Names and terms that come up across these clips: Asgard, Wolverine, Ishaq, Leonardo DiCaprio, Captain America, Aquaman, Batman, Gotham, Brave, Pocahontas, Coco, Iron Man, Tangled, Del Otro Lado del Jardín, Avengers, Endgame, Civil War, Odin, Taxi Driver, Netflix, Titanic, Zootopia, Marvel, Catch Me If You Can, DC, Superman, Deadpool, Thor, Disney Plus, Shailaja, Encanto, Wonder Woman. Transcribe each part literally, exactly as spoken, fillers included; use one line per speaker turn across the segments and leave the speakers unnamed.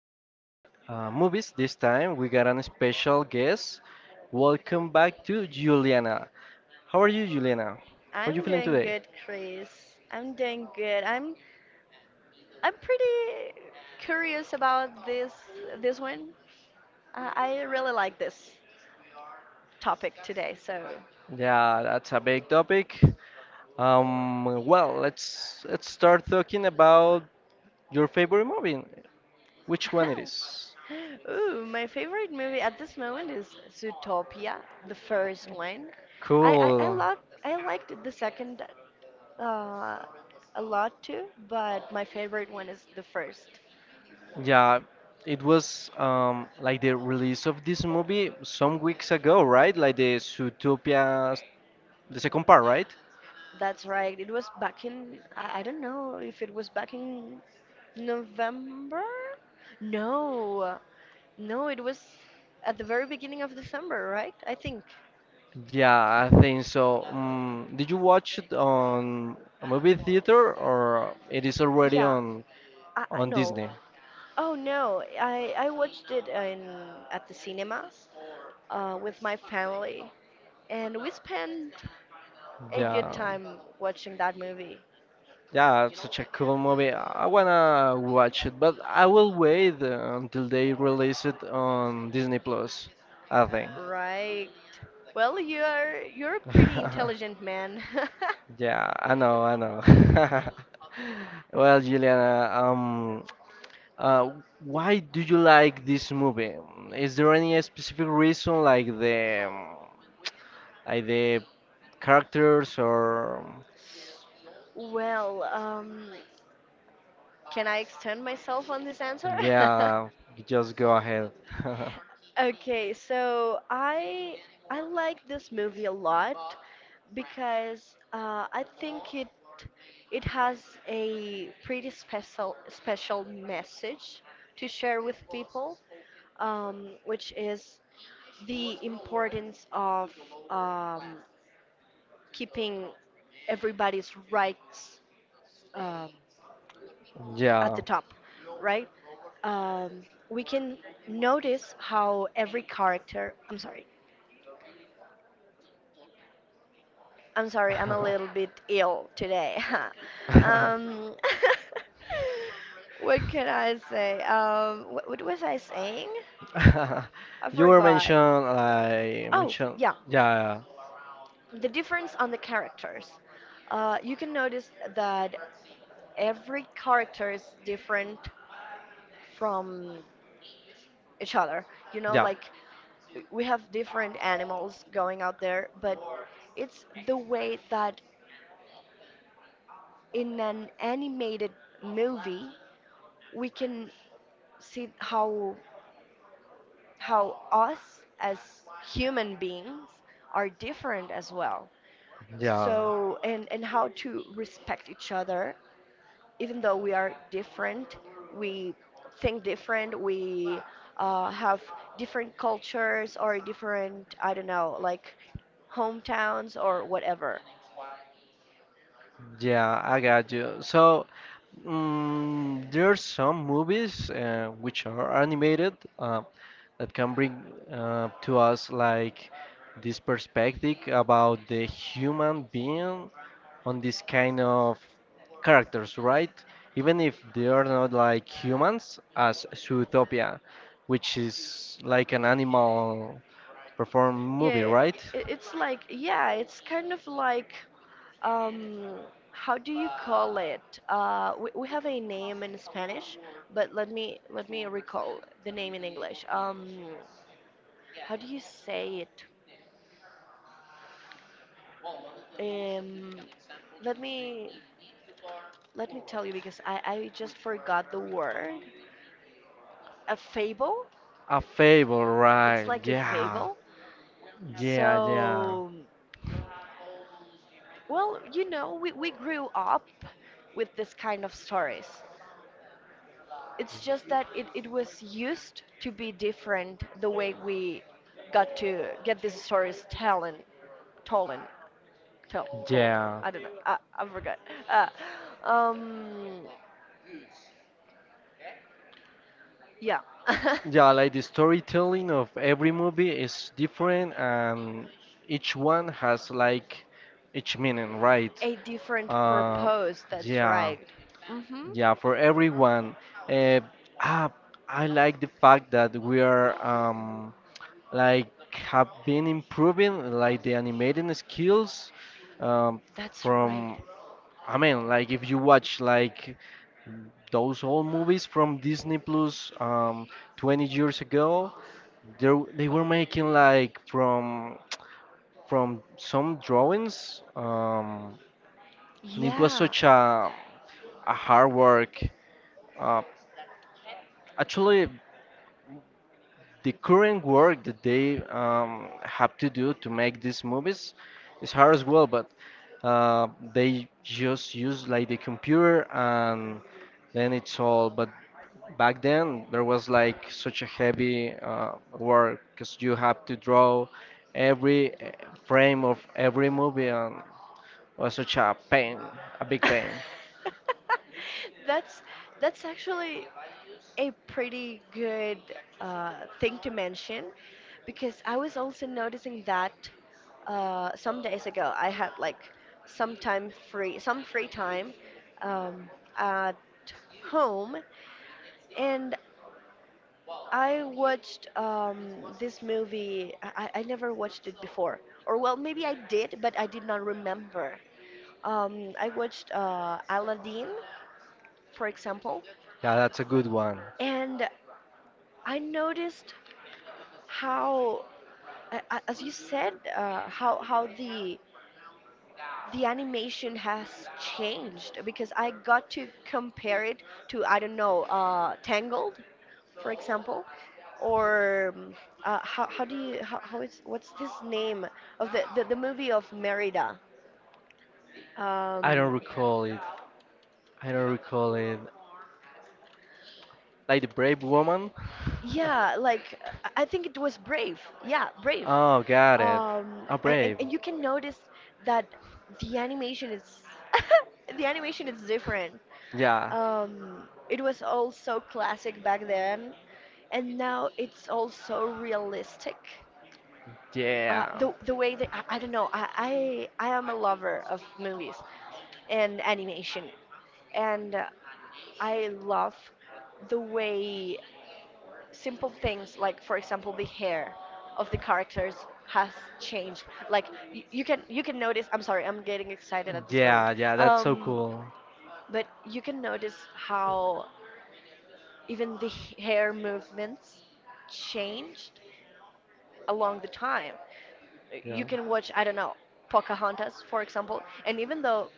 about uh, movies this time. We got an special guest. Welcome back to Juliana. How are you, Juliana? How are you
I'm
feeling
doing
today?
good, Chris. I'm doing good. I'm I'm pretty curious about this this one. Uh, I really like this topic today. So,
Yeah, that's a big topic. Um, well, let's let's start talking about your favorite movie. Which one it is?
ooh, my favorite movie at this moment is Zootopia, the first one. I I, I
Cool.
like I liked the second uh, a lot too, but my favorite one is the first.
Yeah, it was um, like the release of this movie some weeks ago, right? Like the Zootopia, the second part, right?
That's right. It was back in, I, I don't know if it was back in November? No. No, it was at the very beginning of December, right? I think.
Yeah, I think so. Um, did you watch it on a movie theater or it is already
Yeah.
on
I, I
on
no.
Disney?
Oh no. I I watched it in at the cinema uh, with my family, and we spent a good
Yeah,
time watching that movie.
yeah, it's such a cool movie. I wanna watch it, but I will wait uh, until they release it on Disney Plus, I think.
Right. Well, you're you're a pretty intelligent man.
Yeah, I know, I know. Well, Juliana, um, uh, why do you like this movie? Is there any specific reason, like the, um, like the characters, or
Well, um, can I extend myself on this answer?
yeah, just go ahead.
Okay, so I I like this movie a lot because uh, I think it it has a pretty special special message to share with people, um, which is the importance of um, keeping everybody's rights, um, at
Yeah.
the top, right? Um, we can notice how every character. I'm sorry. I'm sorry. I'm a little bit ill today. um, what can I say? Um, what, what was I saying? I
You were
forgot.
mentioned, like
Oh,
mentioned,
yeah.
yeah,
The difference on the characters. Uh, you can notice that every character is different from each other. You know,
yeah,
like we have different animals going out there, but it's the way that in an animated movie we can see how how us as human beings are different as well.
yeah.
So and and how to respect each other even though we are different, we think different, we uh, have different cultures or different, I don't know, like hometowns or whatever.
Yeah, I got you. So, mm, there are some movies uh, which are animated uh, that can bring uh, to us like this perspective about the human being on this kind of characters, right? Even if they are not like humans, as Zootopia, which is like an animal performed
Yeah,
movie,
it,
right?
it's like, yeah, it's kind of like, um, how do you call it? Uh, we, we have a name in Spanish, but let me let me recall the name in English. Um, how do you say it? Um, Let me Let me tell you because I, I just forgot the word. A fable?
A fable,
It's
right?
like a
Yeah,
fable.
yeah, yeah.
So, well, you know, we, we grew up with this kind of stories. It's just that it, it was used to be different the way we got to get these stories telling, told, tell, told.
Yeah,
I don't know. I, I forgot. Uh, um, yeah.
yeah, like the storytelling of every movie is different and each one has like each meaning, right?
A different
Uh,
purpose, that's
yeah,
right. Mm-hmm.
yeah, for everyone. Uh, ah, I like the fact that we are um, like have been improving like the animating skills um,
That's right.
from I mean, like if you watch like those old movies from Disney Plus um, twenty years ago, they they were making like from from some drawings, um, and it was
Yeah.
such a a hard work. Uh, Actually, the current work that they um, have to do to make these movies is hard as well, but uh, they just use like the computer and then it's all. But back then there was like such a heavy uh, work because you have to draw every uh, frame of every movie and was such a pain a big pain
That's that's actually a pretty good uh, thing to mention because I was also noticing that uh, some days ago I had like some time free some free time um, at home and I watched um, this movie. I, I I never watched it before, or well, maybe I did, but I did not remember. Um, I watched uh, Aladdin, for example,
yeah, that's a good one.
and I noticed how, a- a- as you said, uh, how how the the animation has changed because I got to compare it to I don't know uh, Tangled, for example, or um, uh, how how do you how, how is what's this name of the the, the movie of Merida?
I don't
Um,
recall it, I don't recall it, like the brave woman.
yeah, like I I think it was Brave. Yeah, Brave.
Oh, got it.
Um,
A
a- and,
brave,
and you can notice that the animation is the animation is different.
yeah,
Um, it was all so classic back then, and now it's also realistic. Uh,
yeah,
the the way that I, I don't know I, I I am a lover of movies and animation, and uh, I love the way simple things like for example the hair of the characters has changed. Like you, you can you can notice. I'm sorry, I'm getting excited at this
yeah,
moment.
yeah, that's so
Um,
cool.
but you can notice how even the h- hair movements changed along the time.
Yeah,
You can watch, I don't know, Pocahontas for example, and even though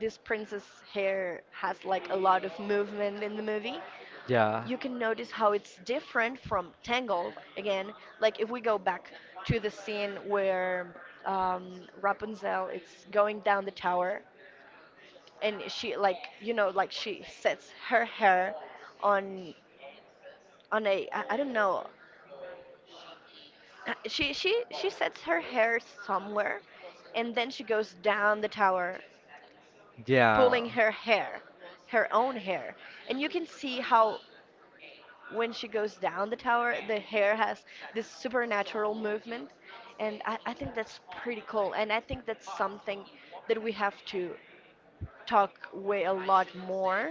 this princess hair has like a lot of movement in the movie,
yeah,
you can notice how it's different from Tangled again. Like if we go back to the scene where um, Rapunzel is going down the tower, and she like you know like she sets her hair on on a I, I don't know, she she she sets her hair somewhere and then she goes down the tower
yeah.
pulling her hair, her own hair. And you can see how when she goes down the tower, the hair has this supernatural movement. And I, I think that's pretty cool. And I think that's something that we have to talk way a lot more.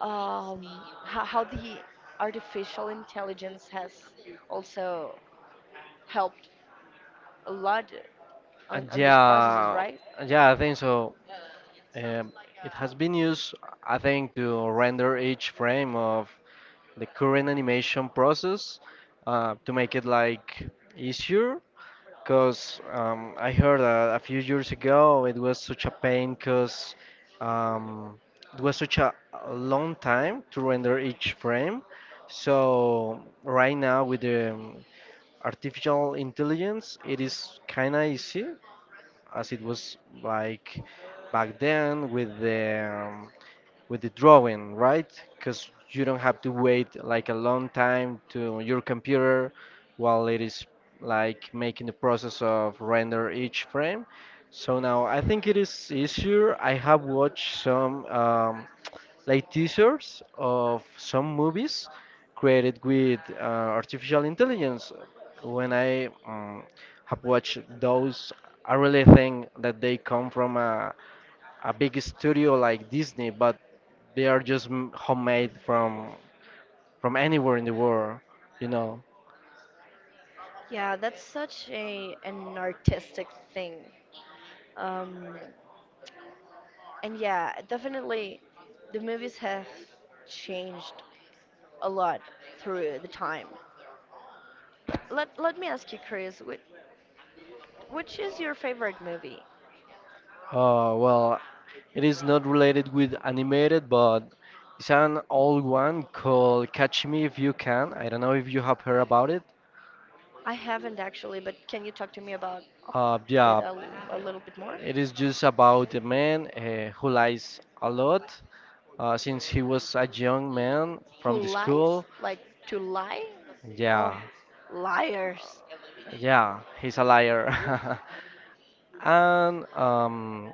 Um, how, how the artificial intelligence has also helped a lot
Uh,
on, on these processes,
yeah,
right?
yeah, I think so. Um, it has been used, I think, to render each frame of the current animation process uh, to make it like easier. Because um, I heard that a few years ago it was such a pain because um, it was such a a long time to render each frame. So right now with the um, artificial intelligence, it is kind of easy as it was like back then with the um, with the drawing, right? Because you don't have to wait like a long time to your computer while it is like making the process of render each frame. So now I think it is easier. I have watched some um, like teasers of some movies created with uh, artificial intelligence. When I um, have watched those, I really think that they come from a a big studio like Disney, but they are just m- homemade from from anywhere in the world, you know.
Yeah, that's such a an artistic thing. Um, And yeah, definitely the movies have changed a lot through the time. Let let me ask you, Chris, which, which is your favorite movie?
Uh, well, it is not related with animated, but it's an old one called Catch Me If You Can. I don't know if you have heard about it.
I haven't actually, but can you talk to me about
Uh,
it
yeah,
a, l- a little bit more?
it is just about a man uh, who lies a lot uh, since he was a young man from
Who
the
lies?
school.
Like to lie? Oh,
Yeah,
liars.
yeah, he's a liar. And um,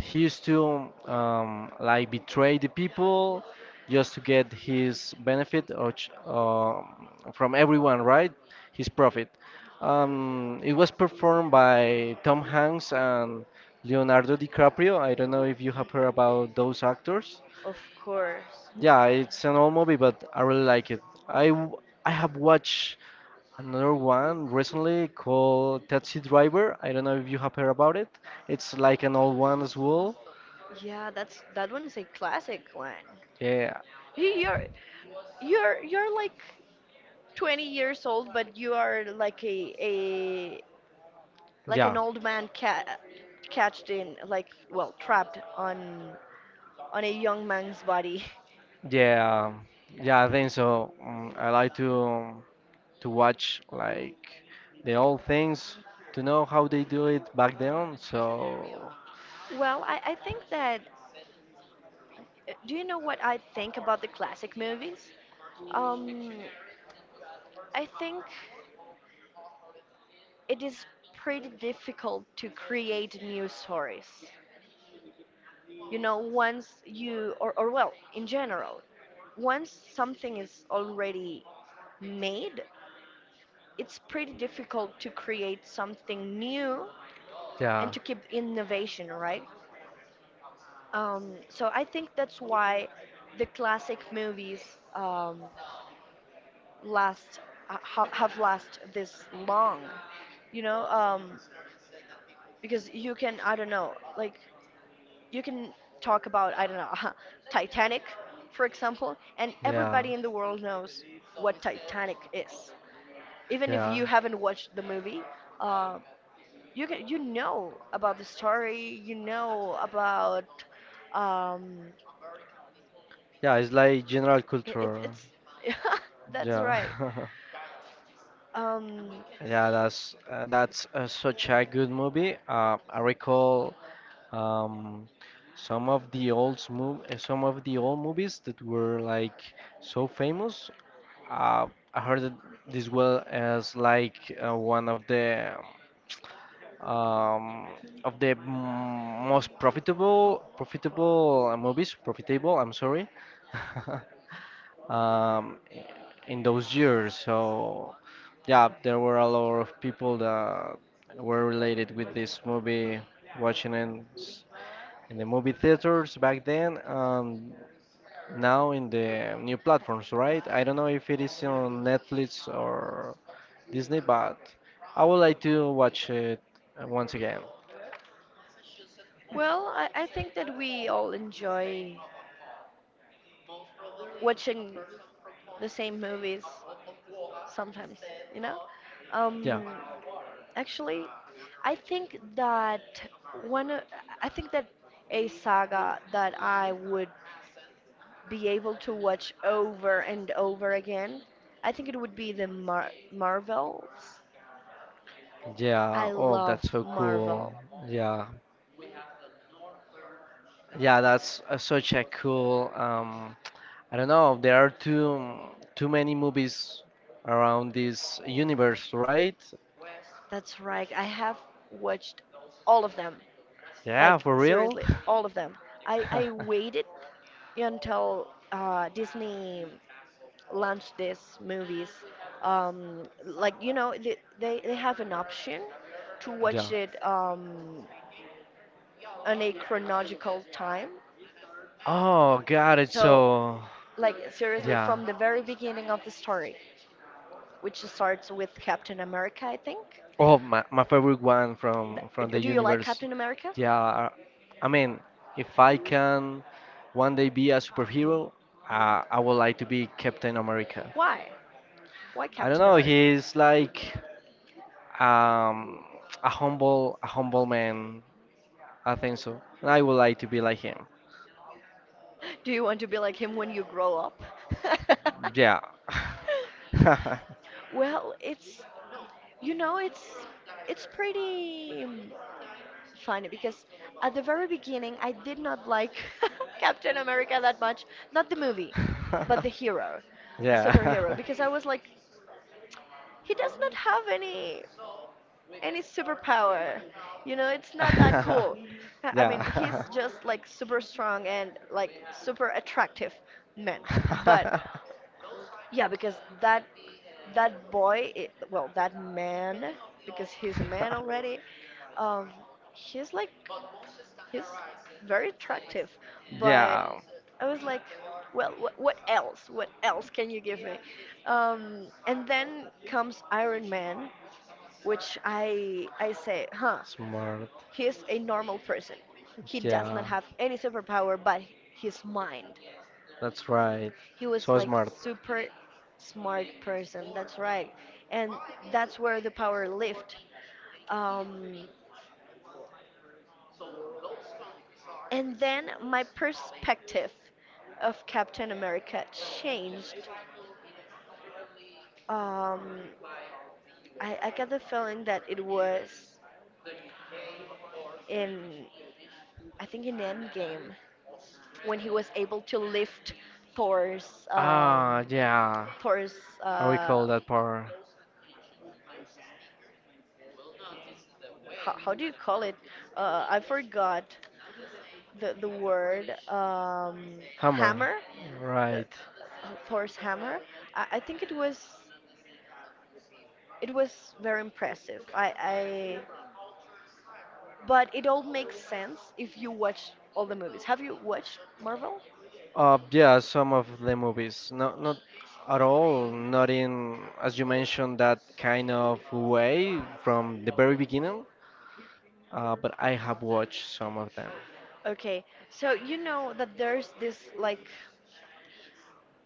he used to um, like betray the people just to get his benefit or ch- um from everyone, right? His profit. Um, it was performed by Tom Hanks and Leonardo DiCaprio. I don't know if you have heard about those actors.
Of course.
Yeah, it's an old movie, but I really like it. I w- I have watched another one recently called Taxi Driver. I don't know if you have heard about it. It's like an old one as well.
Yeah, that's that one is a classic one.
Yeah,
You- You're you're you're like twenty years old, but you are like a a like an
yeah,
old man ca- catched in like well trapped on on a young man's body.
yeah, um, yeah. I think so. Mm, I like to to watch like the old things to know how they do it back then. So
Well, I, I think that, do you know what I think about the classic movies? Um i think it is pretty difficult to create new stories, you know, once you or, or well in general, once something is already made, it's pretty difficult to create something new
yeah,
and to keep innovation, right? Um, so I think that's why the classic movies um, last ha- ha- have last this long, you know, um, because you can I don't know like you can talk about I don't know Titanic, for example, and
yeah,
everybody in the world knows what Titanic is, even if
yeah,
you haven't watched the movie. Uh, you can, you know about the story, you know about um,
yeah. It's like general
It, it,
culture.
it's that's
Yeah.
right. Um,
Yeah, that's uh, that's uh, such a good movie. Uh, I recall um, some of the old mov- uh, some of the old movies that were like so famous. Uh, I heard that this well as like uh, one of the um, of the m- most profitable profitable uh, movies profitable, I'm sorry. um, in those years, so yeah, there were a lot of people that were related with this movie watching in, in the movie theaters back then and now in the new platforms, right? I don't know if it is on Netflix or Disney, but I would like to watch it uh, once again.
well, I, I think that we all enjoy watching the same movies sometimes, you know?
Yeah.
Um, Actually, I think that one, o- I think that a saga that I would be able to watch over and over again, I think it would be the Mar Marvels.
Yeah.
I
Oh,
love
that's so cool.
Marvel.
Yeah. Yeah, that's uh, Such a cool. Um, I don't know. There are too too many movies around this universe, right?
That's right. I have watched all of them.
Yeah,
Like
for real.
seriously, all of them. I I waited until uh, Disney launched these movies. Um, like you know, they, they they have an option to
Yeah.
watch it um, on a chronological time.
Oh, got it.
So
So,
like seriously,
yeah.
from the very beginning of the story, which starts with Captain America, I think.
Oh, my, my favorite one from from the
Th- Do you like
universe.
Captain America?
Yeah. I mean, if I can one day be a superhero, uh, I would like to be Captain America.
Why? Why
I don't
Captain
know.
America?
He's like um, a humble, a humble man. I think so. And I would like to be like him.
Do you want to be like him when you grow up?
Yeah.
Well, it's you know it's it's pretty um, funny because at the very beginning I did not like Captain America that much, not the movie, but the hero, the superhero
Yeah.
because I was like he does not have any any superpower. You know, it's not that cool. I I mean, he's
Yeah.
just like super strong and like super attractive man. But yeah, because that that boy, i- well, that man, because he's a man already, um, he's like he's very attractive, but
Yeah,
I was like, well, what what else? What else can you give me? Um, and then comes Iron Man, which I I say, huh,
smart.
he's a normal person. He does not
Yeah,
have any superpower, but his mind.
that's right.
He was
So
like
smart.
super smart person. That's right, and that's where the power lived. Um, and then my perspective of Captain America changed. Um, I, I got the feeling that it was in, I think, in Endgame when he was able to lift Thor's, um,
Ah, yeah.
Thor's,
I
uh,
recall that part.
how, how do you call it? Uh, I forgot the the word, um,
Hammer.
hammer, the
Right.
uh, Thor's hammer. I, I think it was it was very impressive. I, I But it all makes sense if you watch all the movies. Have you watched Marvel?
Uh, yeah, some of the movies. Not, not at all. Not in, as you mentioned, that kind of way from the very beginning. Uh, but I have watched some of them.
Okay, so you know that there's this like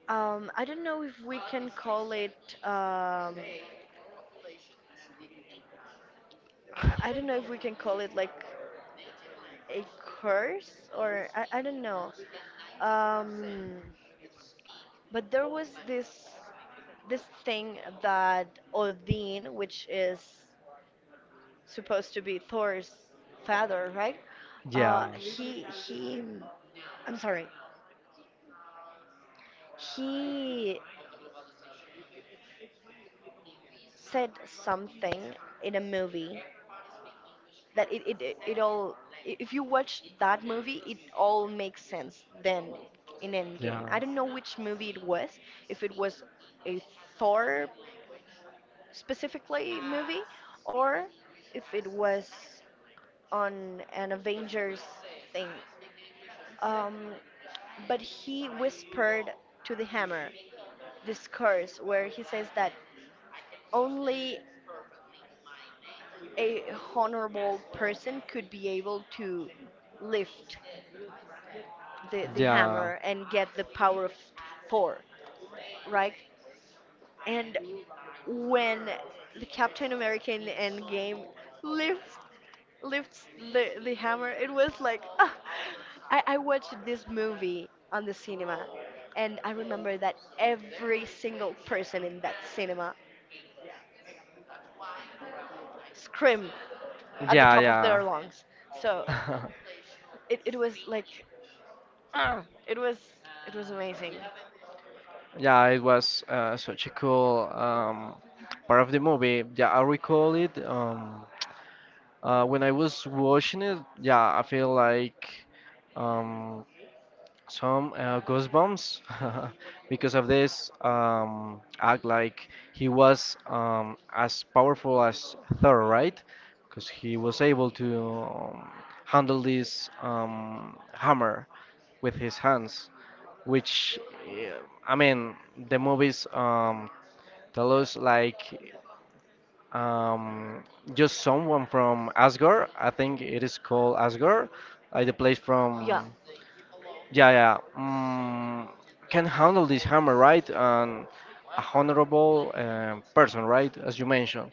um, I don't know if we can call it um, I don't know if we can call it like a curse or I, I don't know. Um, but there was this. This thing that Odin, which is supposed to be Thor's father, right?
Yeah,
Uh, he he, I'm sorry. He said something in a movie that it it, it, it all. i- If you watch that movie, it all makes sense then in Endgame.
yeah,
I don't know which movie it was. If it was a Thor specifically movie, or if it was on an Avengers thing. Um, but he whispered to the hammer this curse where he says that only a honorable person could be able to lift the, the
yeah,
hammer and get the power of Thor, right? And when the Captain America in the Endgame lifts lifts the, the hammer. It was like, ah. I, I watched this movie on the cinema, and I remember that every single person in that cinema screamed at the
yeah,
top of
yeah.
their lungs. So it, it was like, ah, it was it was amazing.
Yeah, it was uh, such a cool um, part of the movie. Yeah, I recall it. Um, uh, when I was watching it, yeah, I feel like um, some uh, goosebumps because of this um, act. Like he was um, as powerful as Thor, right? Because he was able to um, handle this um, hammer with his hands which yeah, I mean the movies um, tell us like um, just someone from Asgard. I think it is called Asgard, like the place
Yeah.
from yeah, yeah, um, can handle this hammer right and a honorable um, person, right, as you mentioned.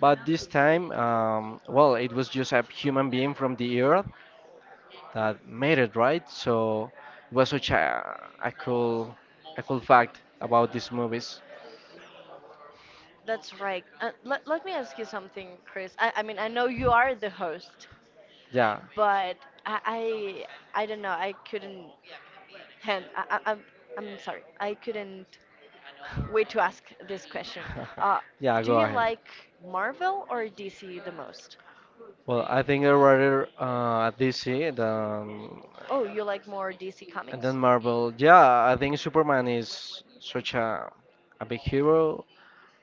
But this time um, well, it was just a human being from the earth that made it, right? So it was such a, a cool a cool fact about these movies.
That's right. Uh, let, let me ask you something, Chris. I, I mean, I know you are the host,
Yeah,
but I I, I don't know. I couldn't hand. I, I, I'm I'm sorry. I couldn't way to ask this question. Uh,
yeah,
do
go
you
ahead.
like Marvel or D C the most?
Well, I think I'd rather uh, D C than
Oh, you like more D C
and then
comics?
Marvel. Yeah, I think Superman is such a a big hero.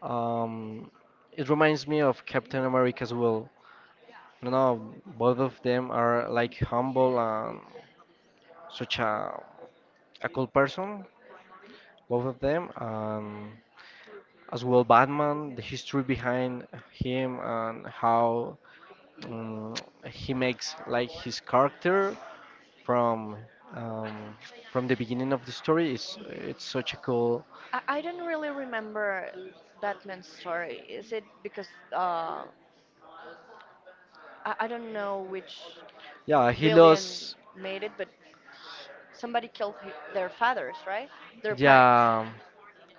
Um, it reminds me of Captain America as well. You know, both of them are like humble and such a a cool person. Both of them. Um, as well Batman, the history behind him and how um, he makes like his character from um, from the beginning of the story is it's such a cool.
I, I don't really remember Batman's story. Is it because uh, I, I don't know which
Yeah, he
villain
lost.
made it, but somebody killed hi their fathers, right? Their parents.
Yeah,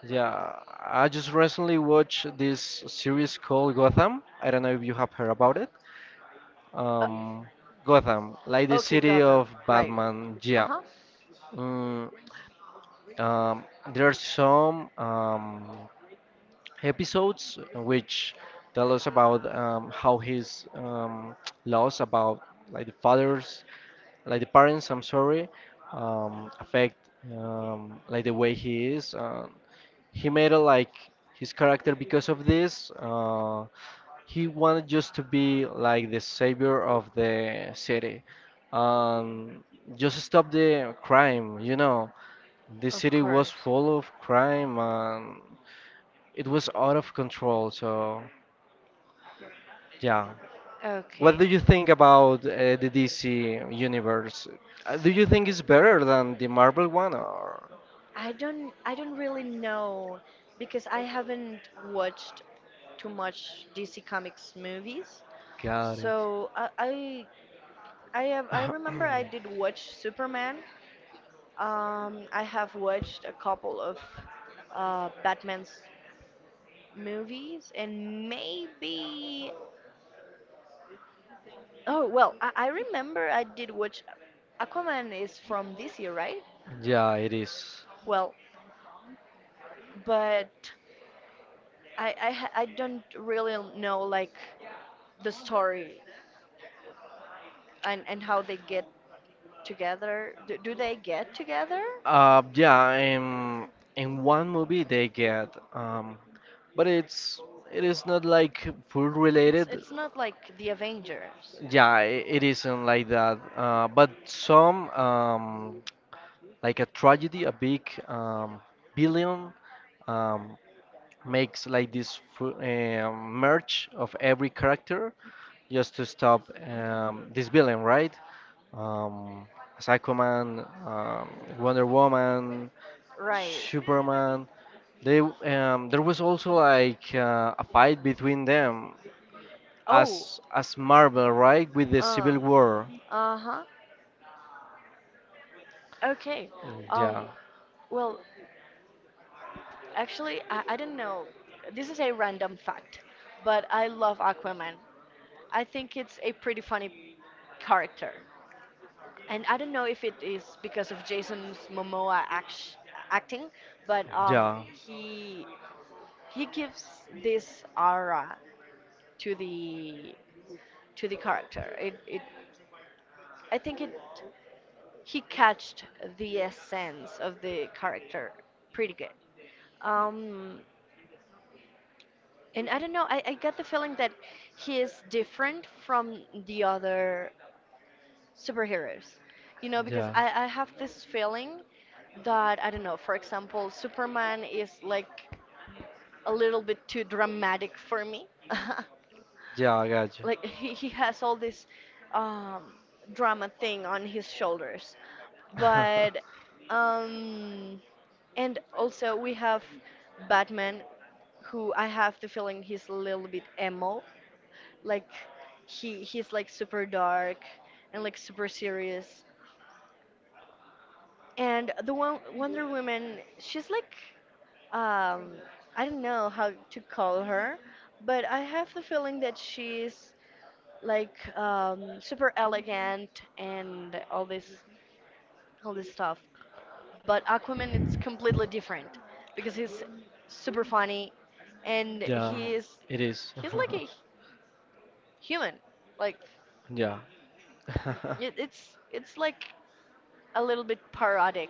yeah. I just recently watched this series called Gotham. I don't know if you have heard about it.
Uh,
Um, Gotham, like the
okay,
city
Gotham,
of
right.
Batman.
Uh
Yeah.
huh.
Mm, um, there are some um, episodes which tell us about um, how his um, laws about like the fathers like the parents, I'm sorry, um, affect um, like the way he is uh, he made a, like his character because of this uh, he wanted just to be like the savior of the city, um, just stop the crime, you know, the
Of
city was
course.
full of crime and it was out of control, so yeah. What
Okay.
do you think about uh, the D C universe? Uh, Do you think it's better than the Marvel one or?
I don't I don't really know because I haven't watched too much D C Comics movies.
Got it.
So I I I, have, I remember I did watch Superman. Um, I have watched a couple of uh, Batman's movies and maybe oh well, I, I remember I did watch Aquaman is from D C, right?
Yeah, it is.
Well, but I I, ha- I don't really know like the story and and how they get together. Do, do they get together?
Uh, yeah, in in one movie they get, um, but it's it is not like food
It's
related.
it's not like the Avengers,
Yeah, i- it isn't like that. Uh, but some, um, like a tragedy, a big um, billion um, makes like this fu- um merge of every character just to stop um, this villain, right? Um, Aquaman, um, Wonder Woman,
right?
Superman. They um, there was also like uh, a fight between them
Oh.
as as Marvel, right? With the
Uh.
Civil War.
Uh-huh. Okay.
Mm,
um
Yeah,
well actually i, I don't know, this is a random fact, but I love Aquaman. I think it's a pretty funny character, and I don't know if it is because of Jason's Momoa act- acting, but um
yeah,
he he gives this aura to the to the character. It it I think it he catched the essence of the character pretty good. Um, and I don't know, I, I got the feeling that he is different from the other superheroes. You know, because
yeah,
I, I have this feeling that, I don't know, for example, Superman is like a little bit too dramatic for me.
yeah, I got you.
Like he, he has all this um, drama thing on his shoulders. But um, and also we have Batman, who I have the feeling he's a little bit emo. Like he he's like super dark and like super serious. And the one Wonder Woman, she's like um I don't know how to call her, but I have the feeling that she's like um, super elegant and all this all this stuff. But Aquaman, it's completely different because he's super funny and
Yeah,
he's
it is.
he's like a human. Like
Yeah.
it, it's it's like a little bit parodic.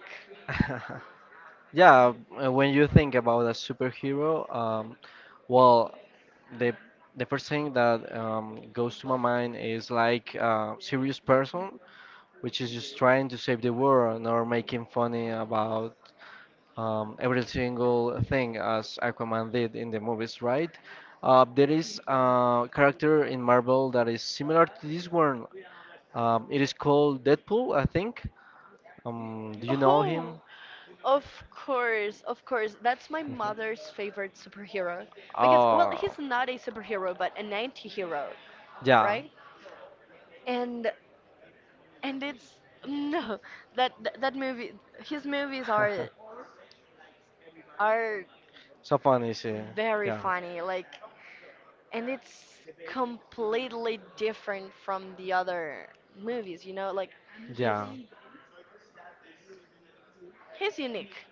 Yeah, uh, when you think about a superhero, um, well, the the first thing that um, goes to my mind is like a serious person, which is just trying to save the world, or making funny about um, every single thing as Aquaman did in the movies, right? Uh, there is a character in Marvel that is similar to this one. Um, it is called Deadpool, I think. Um, do you know him?
Oh, of course, of course. That's my
Mhm.
mother's favorite superhero because well,
Oh,
he's not a superhero but an anti-hero,
yeah.
right? And and it's no that that, that movie, his movies are are
So funny, see.
very
Yeah,
funny, like, and it's completely different from the other movies, you know, like he's
yeah.
he's unique.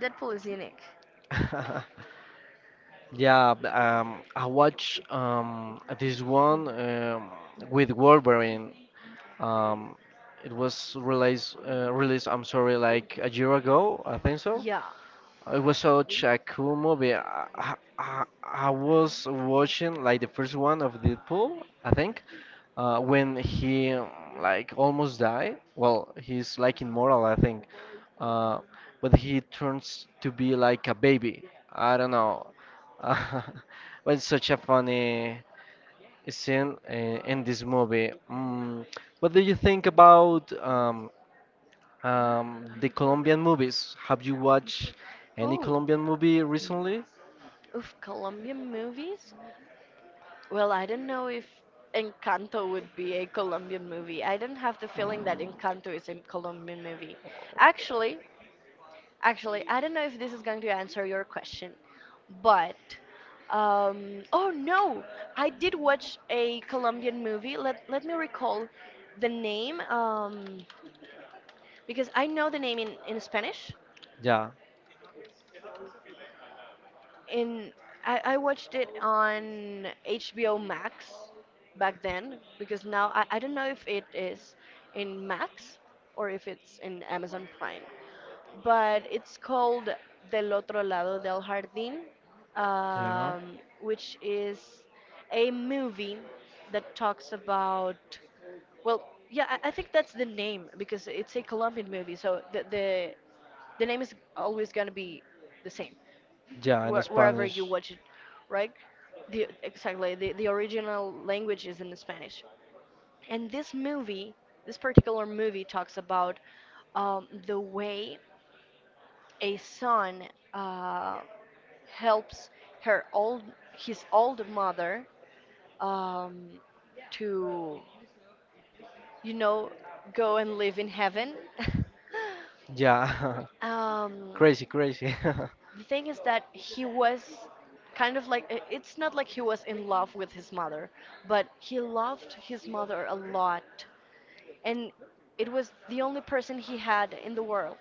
Deadpool is unique.
Yeah, b- um, I watch um, this one um, with Wolverine. Um, it was released, uh, released, I'm sorry, like a year ago, I think so.
Yeah.
It was such a cool movie. I, I, I was watching like the first one of Deadpool, I think, uh, when he um, like almost died. Well, he's like immortal, I think. Uh, but he turns to be like a baby. I don't know. But it's such a funny scene uh, in this movie. Mm, what do you think about um, um, the Colombian movies? Have you watched any
Oh,
Colombian movie recently?
of Colombian movies, well, I don't know if Encanto would be a Colombian movie. I don't have the feeling that Encanto is a Colombian movie, actually. Actually, I don't know if this is going to answer your question, but um, oh no, I did watch a Colombian movie. Let let me recall the name, um, because I know the name in, in Spanish,
Yeah,
and I, I watched it on H B O Max back then because now I, I don't know if it is in Max or if it's in Amazon Prime, but it's called Del Otro Lado del Jardín,
yeah,
um, which is a movie that talks about well, yeah, I, I think that's the name because it's a Colombian movie, so the the the name is always gonna be the same
yeah, in
where, wherever
Spanish.
you watch it, right? The, exactly, the, the original language is in Spanish. And this movie, this particular movie, talks about um, the way a son uh, helps her old, his old mother, um, to, you know, go and live in heaven.
Yeah,
um,
crazy, crazy.
the thing is that he was kind of like i- it's not like he was in love with his mother, but he loved his mother a lot, and it was the only person he had in the world.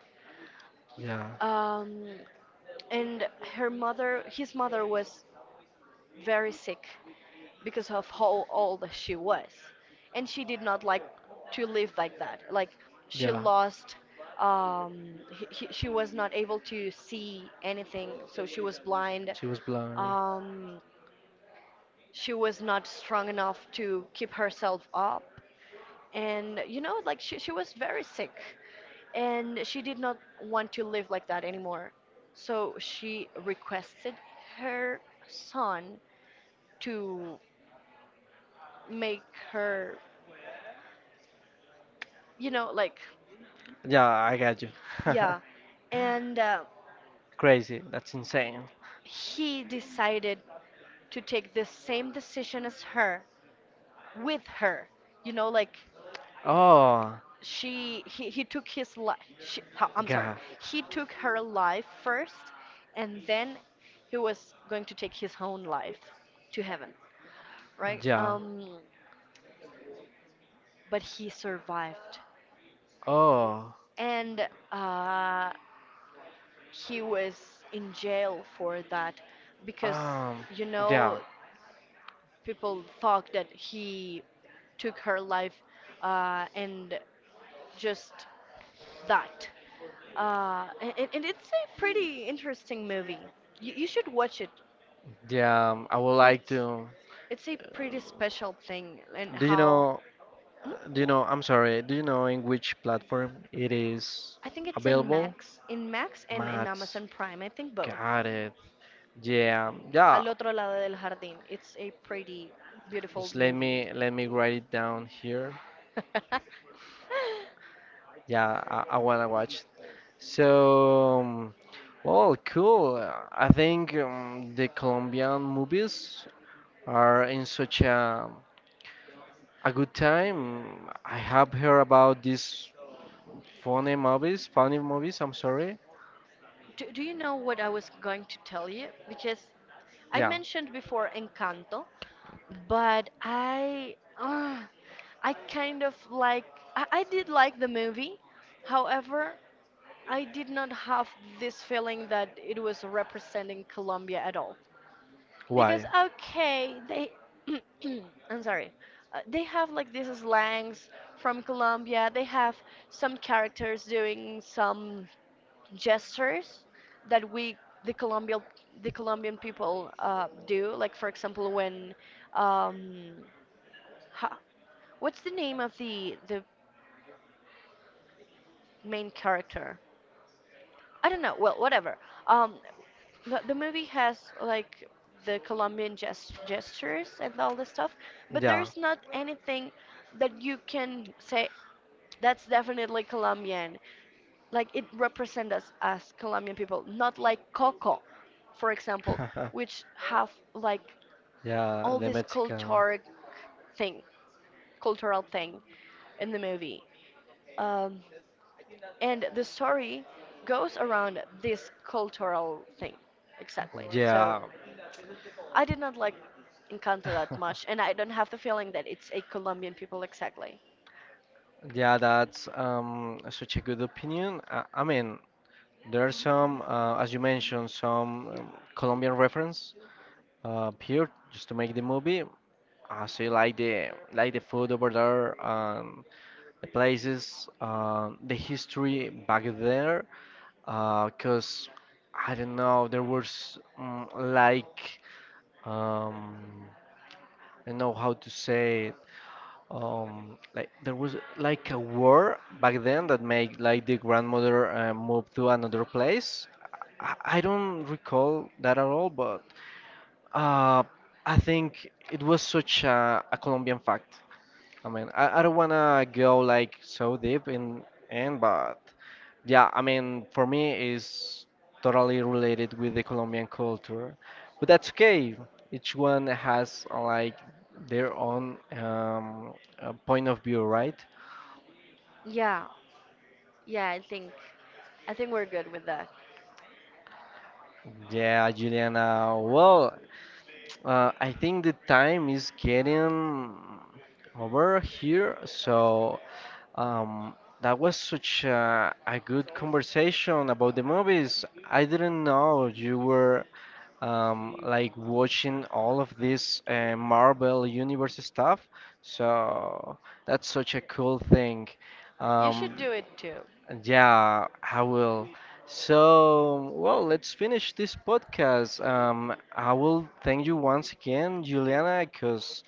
Yeah.
Um, and her mother, his mother was very sick because of how old she was. And she did not like to live like that. Like she
Yeah,
lost, um, he, he- she was not able to see anything, so she was blind.
she was blind.
Um, she was not strong enough to keep herself up. And you know, like she, she was very sick and she did not want to live like that anymore. So she requested her son to make her, you know, like,
Yeah, I got you.
yeah. And uh,
Crazy, that's insane.
he decided to take the same decision as her with her, you know, like
Oh,
she, he, he took his life, I'm sorry,
God,
he took her life first, and then he was going to take his own life to heaven, right?
yeah.
Um, but he survived.
Oh.
And uh, he was in jail for that because,
Um,
you know,
yeah,
people thought that he took her life uh, and just that. Uh, and, and and it's a pretty interesting movie, you, you should watch it.
yeah. um, I would like
it's
to.
it's a pretty special thing and
Do you
how.
know?
Hmm?
Do you
Hmm?
know? I'm sorry. Do you know in which platform it is
I think it's in
available?
Max, in Max and in
Maths.
Amazon Prime, I think both.
Got it. Yeah, yeah.
Al otro lado del jardín, it's a pretty beautiful
Just let
movie.
me let me write it down here. Yeah, I, I wanna watch. So, um, well, cool. Uh, I think um, the Colombian movies are in such a a good time. I have heard about this Funny movies, funny movies, I'm sorry.
do, do you know what I was going to tell you? Because I
Yeah.
mentioned before Encanto, but I uh, I kind of like I, I did like the movie. However, I did not have this feeling that it was representing Colombia at all. Because
Why?
okay, they I'm sorry. Uh, they have like these slangs from Colombia. They have some characters doing some gestures that we the Colombian the Colombian people uh, do. Like for example, when um, ha, what's the name of the the main character? I don't know. Well, whatever. Um, the, the movie has like the Colombian gest- gestures and all this stuff, but
Yeah.
there's not anything that you can say that's definitely Colombian, like it represents us as Colombian people, not like Coco, for example, which have like
Yeah,
all
the
this
Mexican.
culture thing, cultural thing in the movie. Um, and the story goes around this cultural thing, exactly. So
Yeah.
I did not like Encanto that much, and I don't have the feeling that it's a Colombian people exactly.
Yeah, that's um such a good opinion. I, I mean, there are some, uh, as you mentioned, some um, Colombian reference uh, here just to make the movie. I see like the like the food over there, um, the places, uh, the history back there, because I don't know, there was mm, like um, I don't know how to say it. Um, like there was like a war back then that made like the grandmother uh, move to another place. I, I don't recall that at all, but uh, I think it was such a, a Colombian fact. I mean, I, I don't wanna go like so deep in in, but yeah, I mean, for me is totally related with the Colombian culture, but that's okay. Each one has uh, like their own um, uh, point of view, right?
Yeah, yeah, I think I think we're good with that.
Yeah, Juliana. Well, uh, I think the time is getting over here, so Um, that was such a, a good conversation about the movies. I didn't know you were um, like watching all of this uh, Marvel Universe stuff. So that's such a cool thing.
You should
Um,
do it too.
yeah, I will. So, well, let's finish this podcast. Um, I will thank you once again, Juliana, because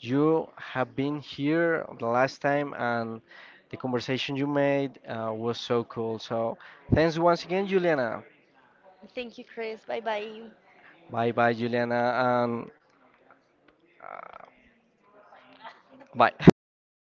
you have been here the last time, and the conversation you made uh, was so cool. So, thanks once again, Juliana.
Thank you, Chris. Bye bye.
Bye bye, Juliana, and uh, bye.